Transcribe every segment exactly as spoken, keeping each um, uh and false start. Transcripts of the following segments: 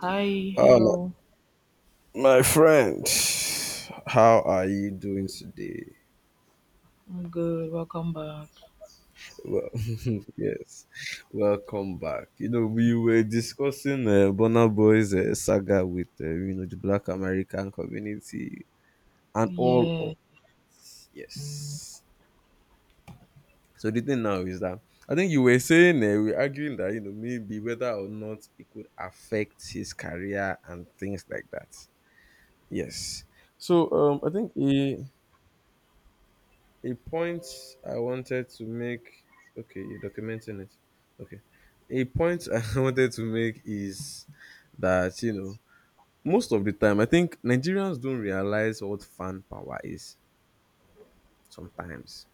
Hi, Oh, hello. my, my friend, how are you doing today? I'm good. Welcome back. Well, yes, welcome back. You know, we were discussing uh, Bonner Boy's uh, saga with uh, you know the Black American community and all of. Yeah. Yes. So the thing now is that I think you were saying uh, we're arguing that you know maybe whether or not it could affect his career and things like that. Yes. So um, I think he, a point I wanted to make, okay, you're documenting it. Okay. A point I wanted to make is that, you know, most of the time I think Nigerians don't realize what fan power is sometimes.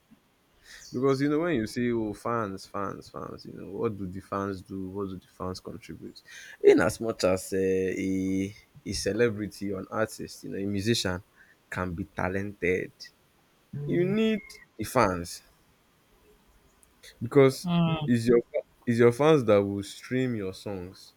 Because you know, when you say, oh, fans, fans, fans, you know, what do the fans do? What do the fans contribute? In as much as uh, a a celebrity or an artist, you know, a musician can be talented. You need the fans, because Mm, it's your it's your fans that will stream your songs,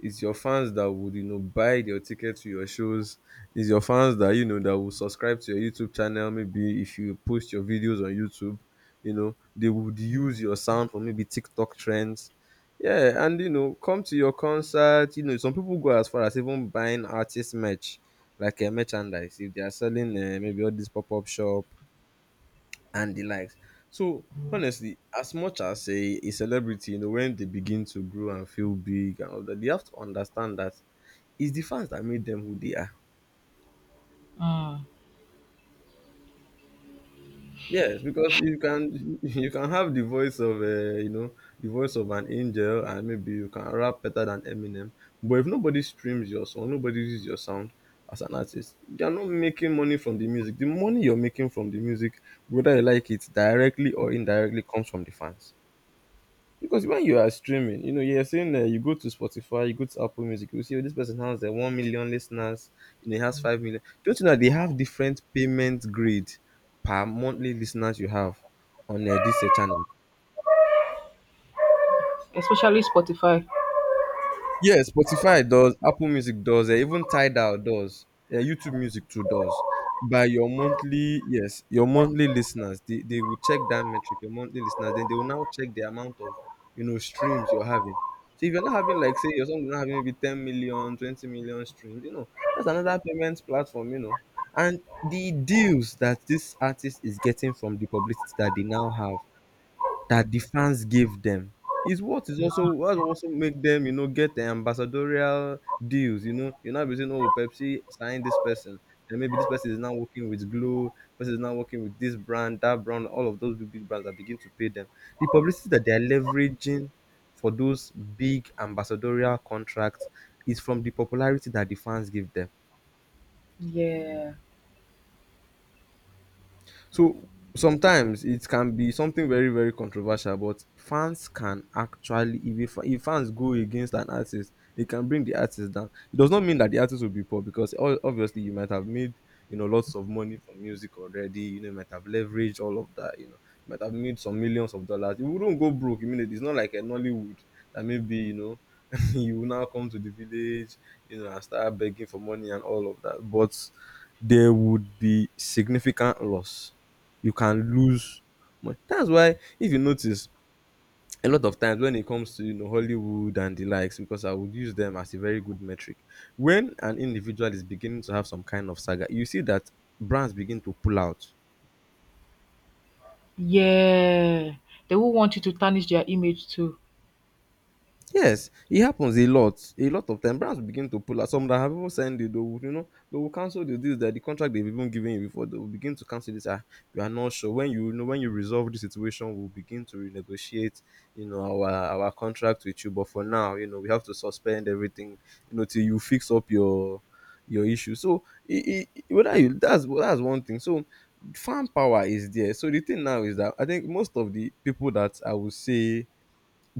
it's your fans that would you know buy your ticket to your shows, it's your fans that you know that will subscribe to your YouTube channel, maybe if you post your videos on YouTube. You know they would use your sound for maybe TikTok trends, yeah, and you know come to your concert. You know, some people go as far as even buying artist merch, like a merchandise, if they are selling uh, maybe all this pop-up shop and the likes. So honestly, as much as a, a celebrity, you know, when they begin to grow and feel big and all that, they have to understand that it's the fans that made them who they are. mm. Yes, because you can you can have the voice of uh, you know the voice of an angel, and maybe you can rap better than Eminem, but if nobody streams your song, nobody uses your sound, as an artist, you're not making money from the music. The money you're making from the music, whether you like it directly or indirectly, comes from the fans. Because when you are streaming, you know, you're saying, uh, you go to Spotify, you go to Apple Music, you see, oh, this person has uh, one million listeners, you know, he has five million. Don't you know they have different payment grade per monthly listeners you have on uh, this uh, channel? Especially Spotify. Yes, Spotify does, Apple Music does, eh, even Tidal does, eh, YouTube Music too does. By your monthly, yes, your monthly listeners, they, they will check that metric, your monthly listeners, then they will now check the amount of, you know, streams you're having. So if you're not having, like, say, your song is not having maybe ten million, twenty million streams, you know, that's another payment platform, you know. And the deals that this artist is getting from the publicity that they now have, that the fans gave them, is what is also what also make them you know get the ambassadorial deals. You know you are now be saying, oh, Pepsi signed this person, and maybe this person is now working with glow person is now working with this brand, that brand, all of those big big brands that begin to pay them. The publicity that they are leveraging for those big ambassadorial contracts is from the popularity that the fans give them. Yeah. So sometimes it can be something very very controversial, but fans can actually, if a, fa- if fans go against an artist, it can bring the artist down. It does not mean that the artist will be poor, because o- obviously you might have made you know lots of money from music already. You know you might have leveraged all of that. You know you might have made some millions of dollars. You wouldn't go broke immediately. It's not like a Nollywood that maybe you know. You will now come to the village, you know, and start begging for money and all of that. But there would be significant loss, you can lose money. That's why, if you notice, a lot of times when it comes to, you know Hollywood and the likes, because I would use them as a very good metric. When an individual is beginning to have some kind of saga, you see that brands begin to pull out. Yeah. They will want you to tarnish their image too. Yes, it happens a lot. A lot of time, brands will begin to pull out. Some that have even signed it, they will, you know, they will cancel the deals, that the contract they've even given you before, they will begin to cancel this. Ah, we are not sure, when you, you know when you resolve the situation, we'll begin to renegotiate, you know, our our contract with you. But for now, you know, we have to suspend everything, you know, till you fix up your your issue. So I I whether you that's that's one thing. So fan power is there. So the thing now is that I think most of the people that I would say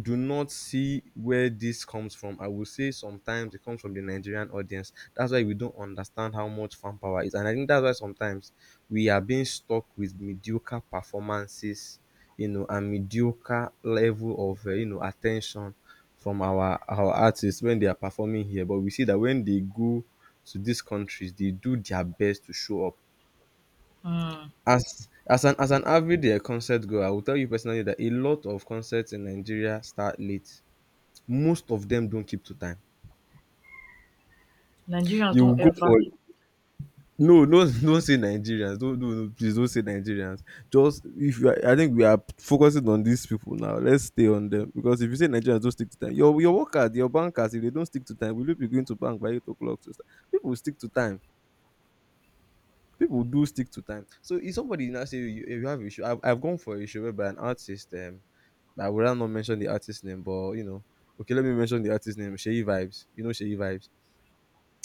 do not see where this comes from. I would say sometimes it comes from the Nigerian audience. That's why we don't understand how much fan power is. And I think that's why sometimes we are being stuck with mediocre performances, you know, and mediocre level of, uh, you know, attention from our, our artists when they are performing here. But we see that when they go to these countries, they do their best to show up. Mm. As as an as an average uh, concert goer, I will tell you personally that a lot of concerts in Nigeria start late. Most of them don't keep to time. Nigerians You will don't go ever. for, no, no, don't say Nigerians. Don't do, no, please don't say Nigerians. Just, if you are, I think we are focusing on these people now. Let's stay on them, because if you say Nigerians don't stick to time, your your workers, your bankers, if they don't stick to time, will you be going to bank by eight o'clock to start? People stick to time. People do stick to time. So if somebody now say you, if you have issue, I've, I've gone for a show by an artist. Um, I would rather not mention the artist name, but you know, okay, let me mention the artist name. Sheyi Vibes. You know Sheyi Vibes.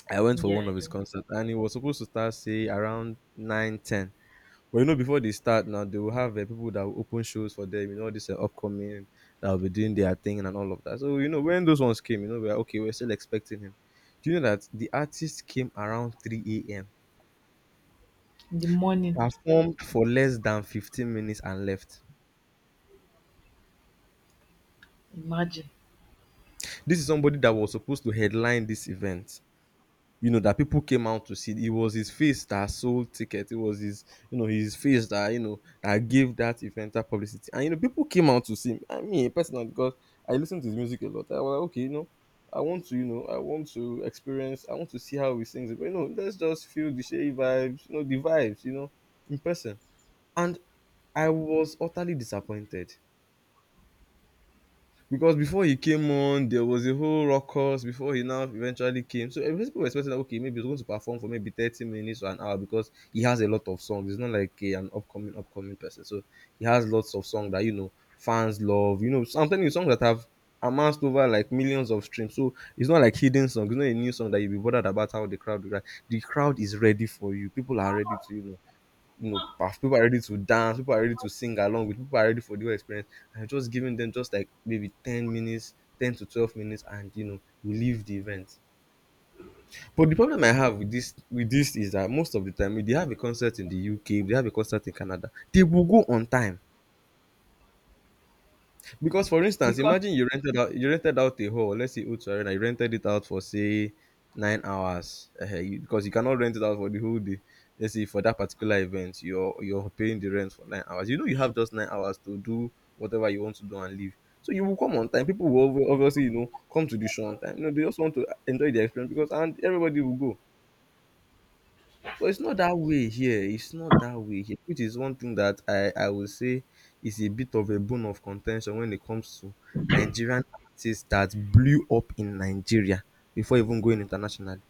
I went for Yeah, one I of his do. concerts and he was supposed to start say around nine ten. But you know, before they start now, they will have uh, people that will open shows for them, you know, all this uh, upcoming that will be doing their thing and all of that. So, you know, when those ones came, you know, we are okay, we're still expecting him. Do you know that the artist came around three a m, In the morning, performed for less than fifteen minutes and left? imagine. This is somebody that was supposed to headline this event, you know, that people came out to see. It was his face that sold tickets. It was his, you know, his face that, you know, that gave that event that publicity. And, you know, people came out to see him. I mean, personally, because I listen to his music a lot. I was like, okay, you know, I want to, you know, I want to experience, I want to see how he sings it. But, you know, let's just feel the Shea vibes, you know, the vibes, you know, in person. And I was utterly disappointed, because before he came on, there was a whole ruckus before he now eventually came. So every people were expecting that, okay, maybe he's going to perform for maybe thirty minutes or an hour, because he has a lot of songs. He's not like a an upcoming upcoming person, so he has lots of songs that you know fans love. You know, so I'm telling you, songs that have amassed over like millions of streams. So it's not like hidden songs. It's not a new song that you'll be bothered about how the crowd will react. The crowd is ready for you. People are ready to, you know you know paf- people are ready to dance, people are ready to sing along with, people are ready for the whole experience, and you're just giving them just like maybe ten minutes, ten to twelve minutes, and you know you leave the event. But the problem I have with this with this is that most of the time if they have a concert in the UK, if they have a concert in Canada, they will go on time. Because, for instance, Because imagine you rented out you rented out a hall, let's say Utu Arena, you rented it out for say nine hours. Uh, you, because you cannot rent it out for the whole day. Let's say for that particular event, you're you're paying the rent for nine hours. You know you have just nine hours to do whatever you want to do and leave. So you will come on time. People will obvi- obviously, you know, come to the show on time. You know, they just want to enjoy the experience because and everybody will go. But it's not that way here. It's not that way here, which is one thing that I, I would say is a bit of a bone of contention when it comes to Nigerian artists that blew up in Nigeria before even going internationally,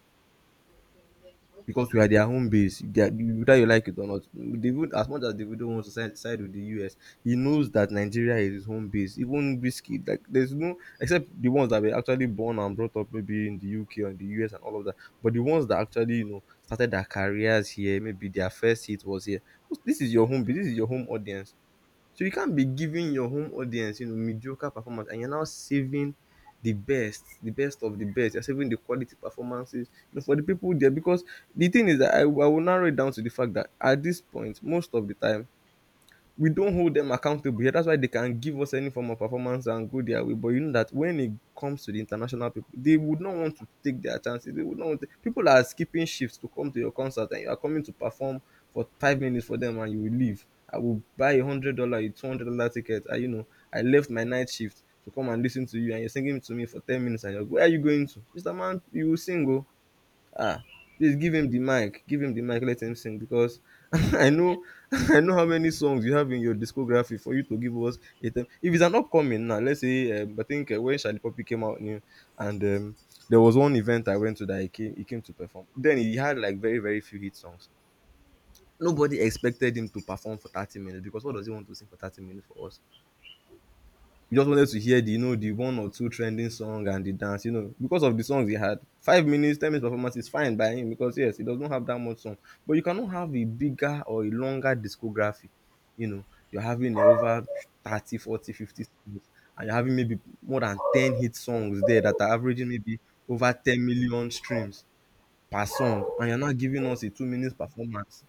because we are their home base. They are, whether you like it or not, David, as much as Davido wants to side, side with the U S, he knows that Nigeria is his home base. Even whiskey, like there's no except the ones that were actually born and brought up maybe in the U K or in the U S and all of that. But the ones that actually, you know, started their careers here, maybe their first hit was here. This is your home base. This is your home audience. So you can't be giving your home audience, you know, mediocre performance and you're now saving the best, the best of the best. You're saving the quality performances, you know, for the people there. Because the thing is that I, I will narrow it down to the fact that at this point, most of the time, we don't hold them accountable here. That's why they can give us any form of performance and go their way. But you know that when it comes to the international people, they would not want to take their chances. They would not. Want to, people are skipping shifts to come to your concert, and you are coming to perform for five minutes for them, and you will leave. I will buy a hundred dollar, a two hundred dollar ticket. I, you know, I left my night shift to come and listen to you, and you're singing to me for ten minutes, and you're like, where are you going to, Mister Man? You will sing, oh. Ah, please give him the mic. Give him the mic. Let him sing because I know I know how many songs you have in your discography for you to give us a time. If it's an upcoming now, let's say um, I think uh, when Shali Poppy came out new, and um, there was one event I went to that he came he came to perform. Then he had like very very few hit songs. Nobody expected him to perform for thirty minutes because what does he want to sing for thirty minutes for us? We just wanted to hear, the you know, the one or two trending song and the dance, you know, because of the songs he had. Five minutes, ten minutes performance is fine by him because yes, he does not have that much song. But you cannot have a bigger or a longer discography, you know. You're having eh, over thirty, forty, fifty songs and you're having maybe more than ten hit songs there that are averaging maybe over ten million streams per song, and you're not giving us a two minutes performance.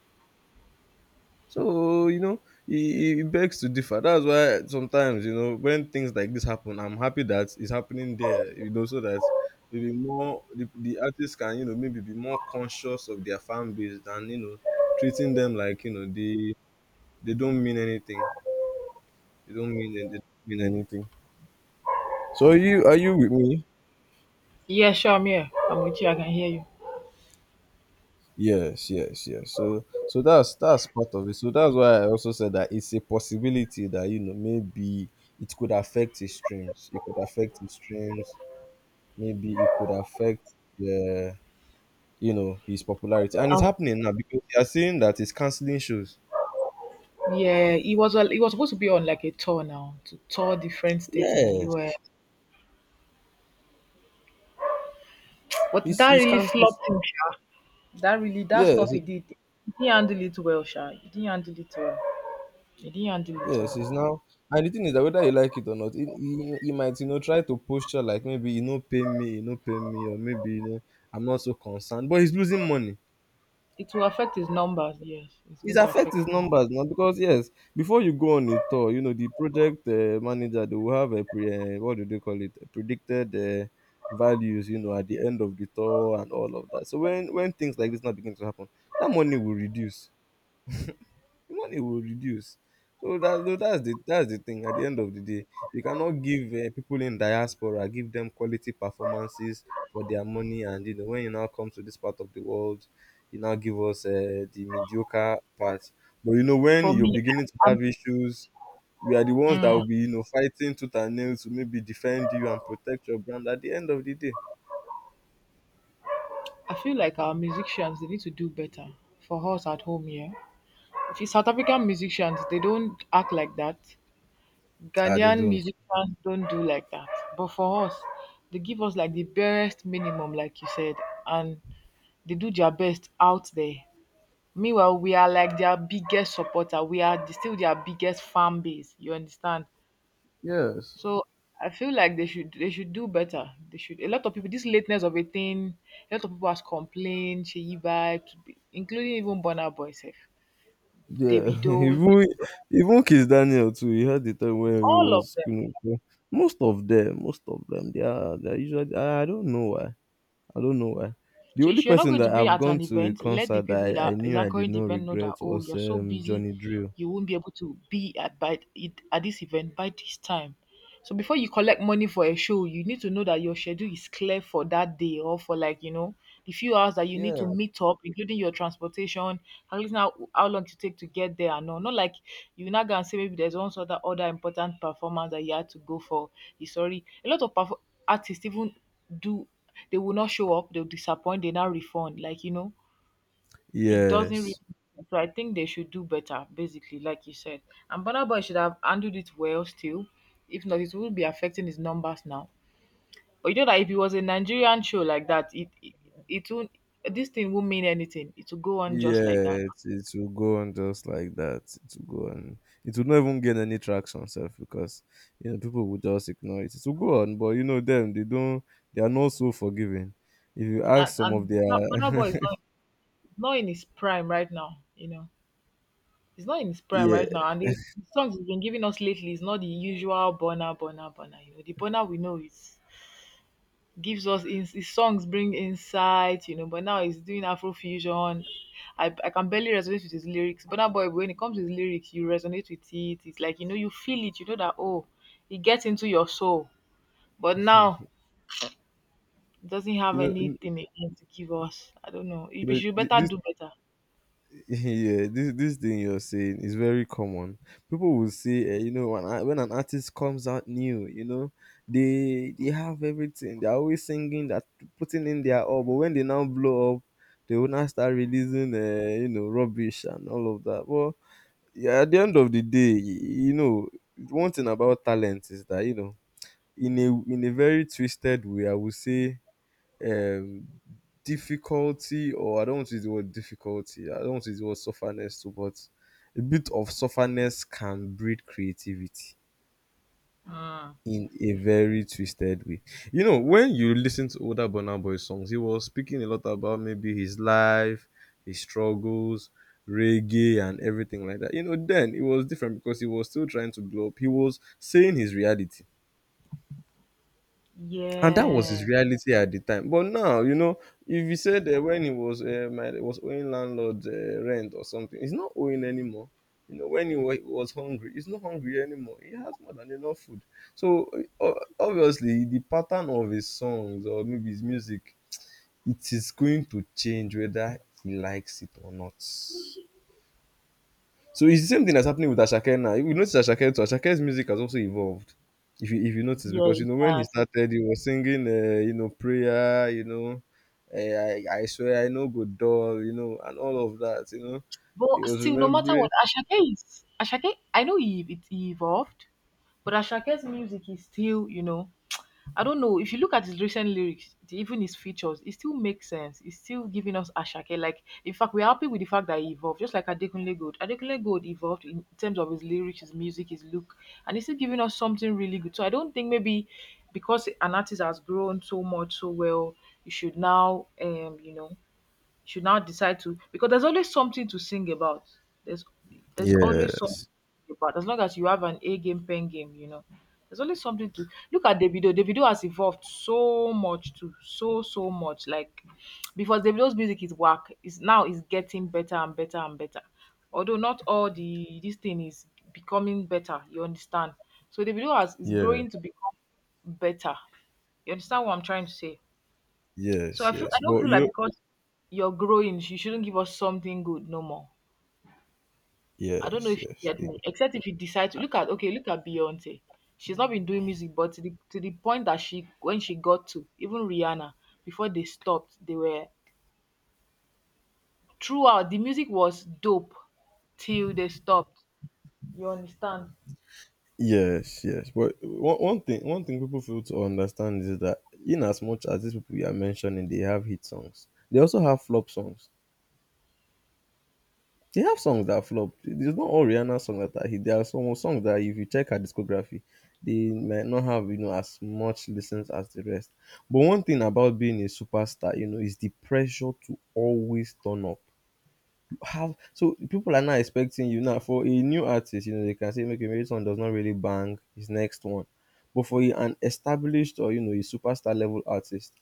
So, you know, it, it begs to differ. That's why sometimes, you know, when things like this happen, I'm happy that it's happening there, you know, so that maybe more the, the artists can, you know, maybe be more conscious of their fan base than, you know, treating them like, you know, they they don't mean anything. They don't mean they don't mean anything. So are you are you with me? yeah, sure, I'm here. I'm with you. I can hear you. Yes, yes, yes. So so that's that's part of it. So that's why I also said that it's a possibility that, you know, maybe it could affect his streams. It could affect his streams. Maybe it could affect the, you know, his popularity. And it's Um, happening now because you are seeing that he's canceling shows. yeah, he was a, he was supposed to be on like a tour now to tour different states in the U S, Yes. but He's that he's really canceling, flopped him. That really that yes, stuff he it- did, he didn't handle it well, Sha. He didn't handle it well. He didn't handle it yes, well. he's now, and the thing is that whether you like it or not, he, he, he might, you know, try to posture like maybe, you know, pay me, you know, pay me, or maybe, you know, I'm not so concerned. But he's losing money. It will affect his numbers, yes. It's It going to affects affect his his numbers. numbers now because yes, before you go on a tour, you know, the project uh, manager, they will have a pre uh, what do they call it, predicted uh, values, you know, at the end of the tour and all of that. So when when things like this now begin to happen, that money will reduce, the money will reduce. So that tho- that's the that's the thing. At the end of the day, you cannot give uh, people in diaspora, give them quality performances for their money, and you know, when you now come to this part of the world, you now give us uh, the mediocre part. But you know, when For you're me, beginning to I'm, have issues, we are the ones that mm, will be, you know, fighting tooth and nail to maybe defend you and protect your brand. At the end of the day, I feel like our musicians they need to do better for us at home here. If it's South African musicians, they don't act like that. ah, they Ghanaian don't. musicians don't do like that. But for us, they give us like the barest minimum, like you said, and they do their best out there. Meanwhile, we are like their biggest supporter. We are the- still their biggest fan base. You understand? Yes. So I feel like they should they should do better. They should. A lot of people, this lateness of a thing, a lot of people has complained. Sheyi vibes, including even Burna Boy, sef, Yeah, Davido, even even Kiss Daniel too. He had the time when he all of was, them. you know, so most of them, most of them, they are they are usually. I, I don't know why. I don't know why. The So only if you're not person going to that be I've at gone an to a event, let the concert people that I, I that is knew I did anchoring the not event know that regret oh, was you're so um busy, Johnny Drill. you won't be able to be at by it at this event by this time. So before you collect money for a show, you need to know that your schedule is clear for that day or for like you know the few hours that you need Yeah. to meet up, including your transportation, calculating how, how long to take to get there and all. Not like you now go and say maybe there's one sort of other important performance that you had to go for. It's sorry. A lot of perf- artists even do they will not show up, they'll disappoint, they now refund. Like, you know, it doesn't really Yes. so I think they should do better, basically, like you said. And Burna Boy should have handled it well still. If not, it will be affecting his numbers now. But you know that if it was a Nigerian show like that, it it, it won't this thing won't mean anything. It will go on just like that. Yeah, it, it will go on just like that. It will go on. It will not even gain any traction, self, because you know people will just ignore it. It will go on, but you know them, they don't, they are not so forgiving. If you ask And, some of and their, Burna Boy is not not in his prime right now, you know. He's not in his prime yeah, right now, and the the songs he's been giving us lately is not the usual Burna Burna Burna. You know, the Burna we know is gives us in his songs bring insight, you know, but now he's doing Afrofusion. I, I can barely resonate with his lyrics. But now boy, when it comes to his lyrics, you resonate with it. It's like you know, you feel it, you know that oh, it gets into your soul. But now it doesn't you have know, you anything again to give us. I don't know. You know, should th- better this do better. yeah, this this thing you're saying is very common. People will say, uh, you know, when, a- when an artist comes out new, you know, they they have everything. They're always singing that, putting in their all. But when they now blow up, they will now start releasing, uh, you know, rubbish and all of that. Well, yeah, at the end of the day, y- you know, one thing about talent is that, you know, in a in a very twisted way, I would say um, difficulty, or I don't want to use the word difficulty, I don't want to use the word sufferness too, but a bit of sufferness can breed creativity Mm. in a very twisted way. You know, when you listen to older Burna Boy songs, he was speaking a lot about maybe his life, his struggles, reggae, and everything like that. You know, then it was different because he was still trying to blow up. He was saying his reality and that was his Yeah. reality at the time. But now, you know, if you said uh, when he was uh, my was owing landlord uh, rent or something, he's not owing anymore. You know, when he wa- was hungry, he's not hungry anymore. He has more than enough food. So uh, obviously, the pattern of his songs or maybe his music, it is going to change whether he likes it or not. So it's the same thing that's happening with Ashake now. If you notice Ashake too, Ashake's music has also evolved. If you if you notice, Yeah, because you it know when he has. started, he was singing, uh, you know, prayer, you know, uh, I, I swear I know good doll, you know, and all of that, you know. But He was still, no matter remembering. what, Ashake is Ashake. I know he, it, he evolved, but Ashake's music is still, you know, I don't know. If you look at his recent lyrics, the- even his features, it still makes sense. It's still giving us Ashake. Like, in fact, we're happy with the fact that he evolved, just like Adekunle Gold. Adekunle Gold evolved in terms of his lyrics, his music, his look, and he's still giving us something really good. So I don't think maybe because an artist has grown so much so well, you should now, um, you know, should now decide to because there's always something to sing about. There's there's always something Yes, to sing about as long as you have an A game, pen game, you know. There's always something to look at Davido. Davido has evolved so much too, so so much. Like because Davido's music is whack, is now is getting better and better and better. Although not all the this thing is becoming better, you understand. So Davido has is yeah, growing to become better. You understand what I'm trying to say? So yes, I feel I yes. don't But feel like you, because you're growing. You shouldn't give us something good no more. I don't know yes, if you yes, get yeah. me. Except if you decide to look at okay, look at Beyonce. She's not been doing music, but to the to the point that she when she got to even Rihanna before they stopped, they were throughout the music was dope till they stopped. You understand? Yes, yes. But one, one thing, one thing people fail to understand is that in as much as these people you are mentioning, they have hit songs, they also have flop songs. They have songs that flop. It's not all Rihanna songs that are hit. There are some songs that if you check her discography, they might not have, you know, as much listens as the rest. But one thing about being a superstar, you know, is the pressure to always turn up. You have so people are not expecting you now for a new artist. You know, they can say make a song does not really bang his next one, but for a- an established or, you know, a superstar level artist,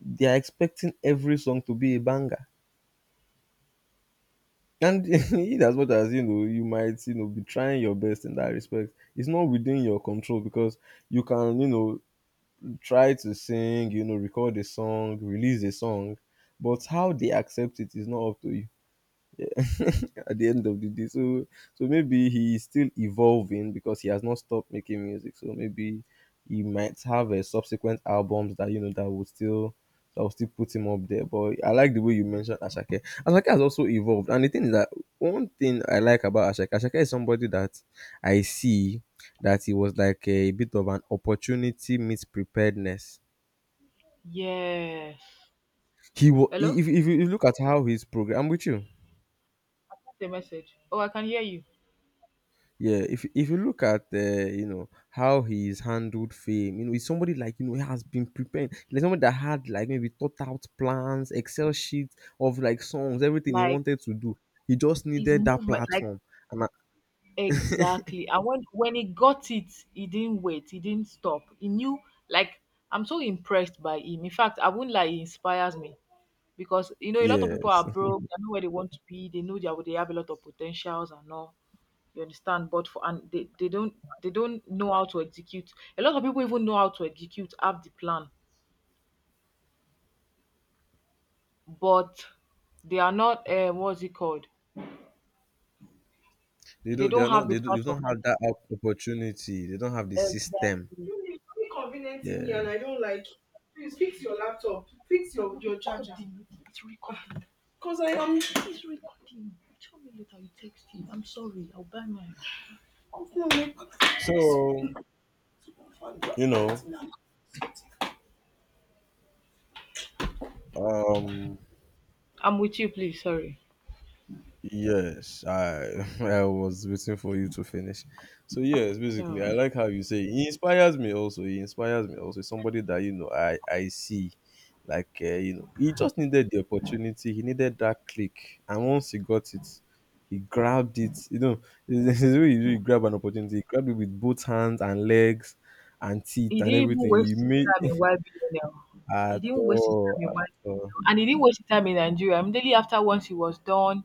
they are expecting every song to be a banger. And in as much as, you know, you might, you know, be trying your best in that respect. It's not within your control because you can, you know, try to sing, you know, record a song, release a song, but how they accept it is not up to you. at the end of the day. So so maybe he is still evolving because he has not stopped making music. So maybe he might have a subsequent albums that, you know, that will still that will still put him up there. But I like the way you mentioned Ashake. Ashake has also evolved. And the thing is that one thing I like about Ashake, Ashake is somebody that I see that he was like a bit of an opportunity meets preparedness. Yes. He was Hello? if if you if you look at how he's programmed. I'm with you. The message. Oh, I can hear you. Yeah, if if you look at uh, you know how he's handled fame, you know, he's somebody like, you know, he has been preparing, like somebody that had like maybe thought out plans, Excel sheets of like songs, everything he Like wanted to do. He just his needed that movement, like platform. And I, exactly. And when when he got it, he didn't wait. He didn't stop. He knew like I'm so impressed by him. In fact, I wouldn't lie, he inspires me because you know a lot of people are yes, broke. They know where they want to be. They know that they have a lot of potentials and all. You understand? But for and they, they don't they don't know how to execute. A lot of people even know how to execute, have the plan, but they are not. Uh, what's it called? they They don't. They don't are not. have the They, do, they don't platform have that op- opportunity. They don't have the system. exactly. So you're inconveniencing me and Yeah. I don't like it. Please fix your laptop. Fix your, your charger. Recording. It's recording. Because I am it's recording. Show me later. You text it. I'm sorry. I'll buy mine. I'm feeling like So you know, um, I'm with you, please. Sorry. yes, I I was waiting for you to finish. So yes, basically, I No. like how you say he inspires me. Also, he inspires me. Also, somebody that, you know, I I see, like uh, you know, he just needed the opportunity. He needed that click, and once he got it, he grabbed it. You know, this is way you, do, you grab an opportunity. He grabbed it with both hands and legs, and teeth He and didn't even everything. He waste his made time in Y B N L. He at didn't waste his all, time in at all. Y B N L. And he didn't waste his time in Nigeria. Immediately after, once he was done,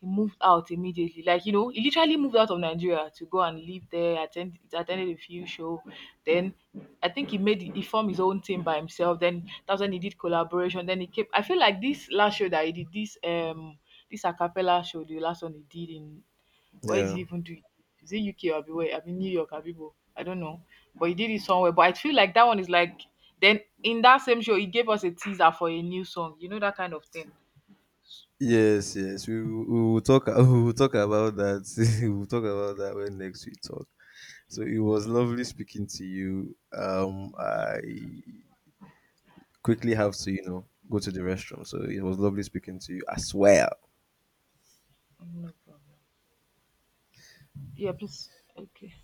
he moved out immediately. Like, you know, he literally moved out of Nigeria to go and live there, attend attended a few show. Then I think he made he formed his own team by himself. Then that's when he did collaboration. Then he came I feel like this last show that he did, this um this acapella show, the last one he did in where is Yeah. he even doing? Is it U K or where? I mean New York, Abibo. I don't know. But he did it somewhere. But I feel like that one is like then in that same show he gave us a teaser for a new song. You know that kind of thing. Yes, yes, we, will- we will talk. We will talk about that. We will talk about that when next we talk. So it was lovely speaking to you. Um, I quickly have to, you know, go to the restroom. So it was lovely speaking to you as well. No problem. Yeah, please. Okay.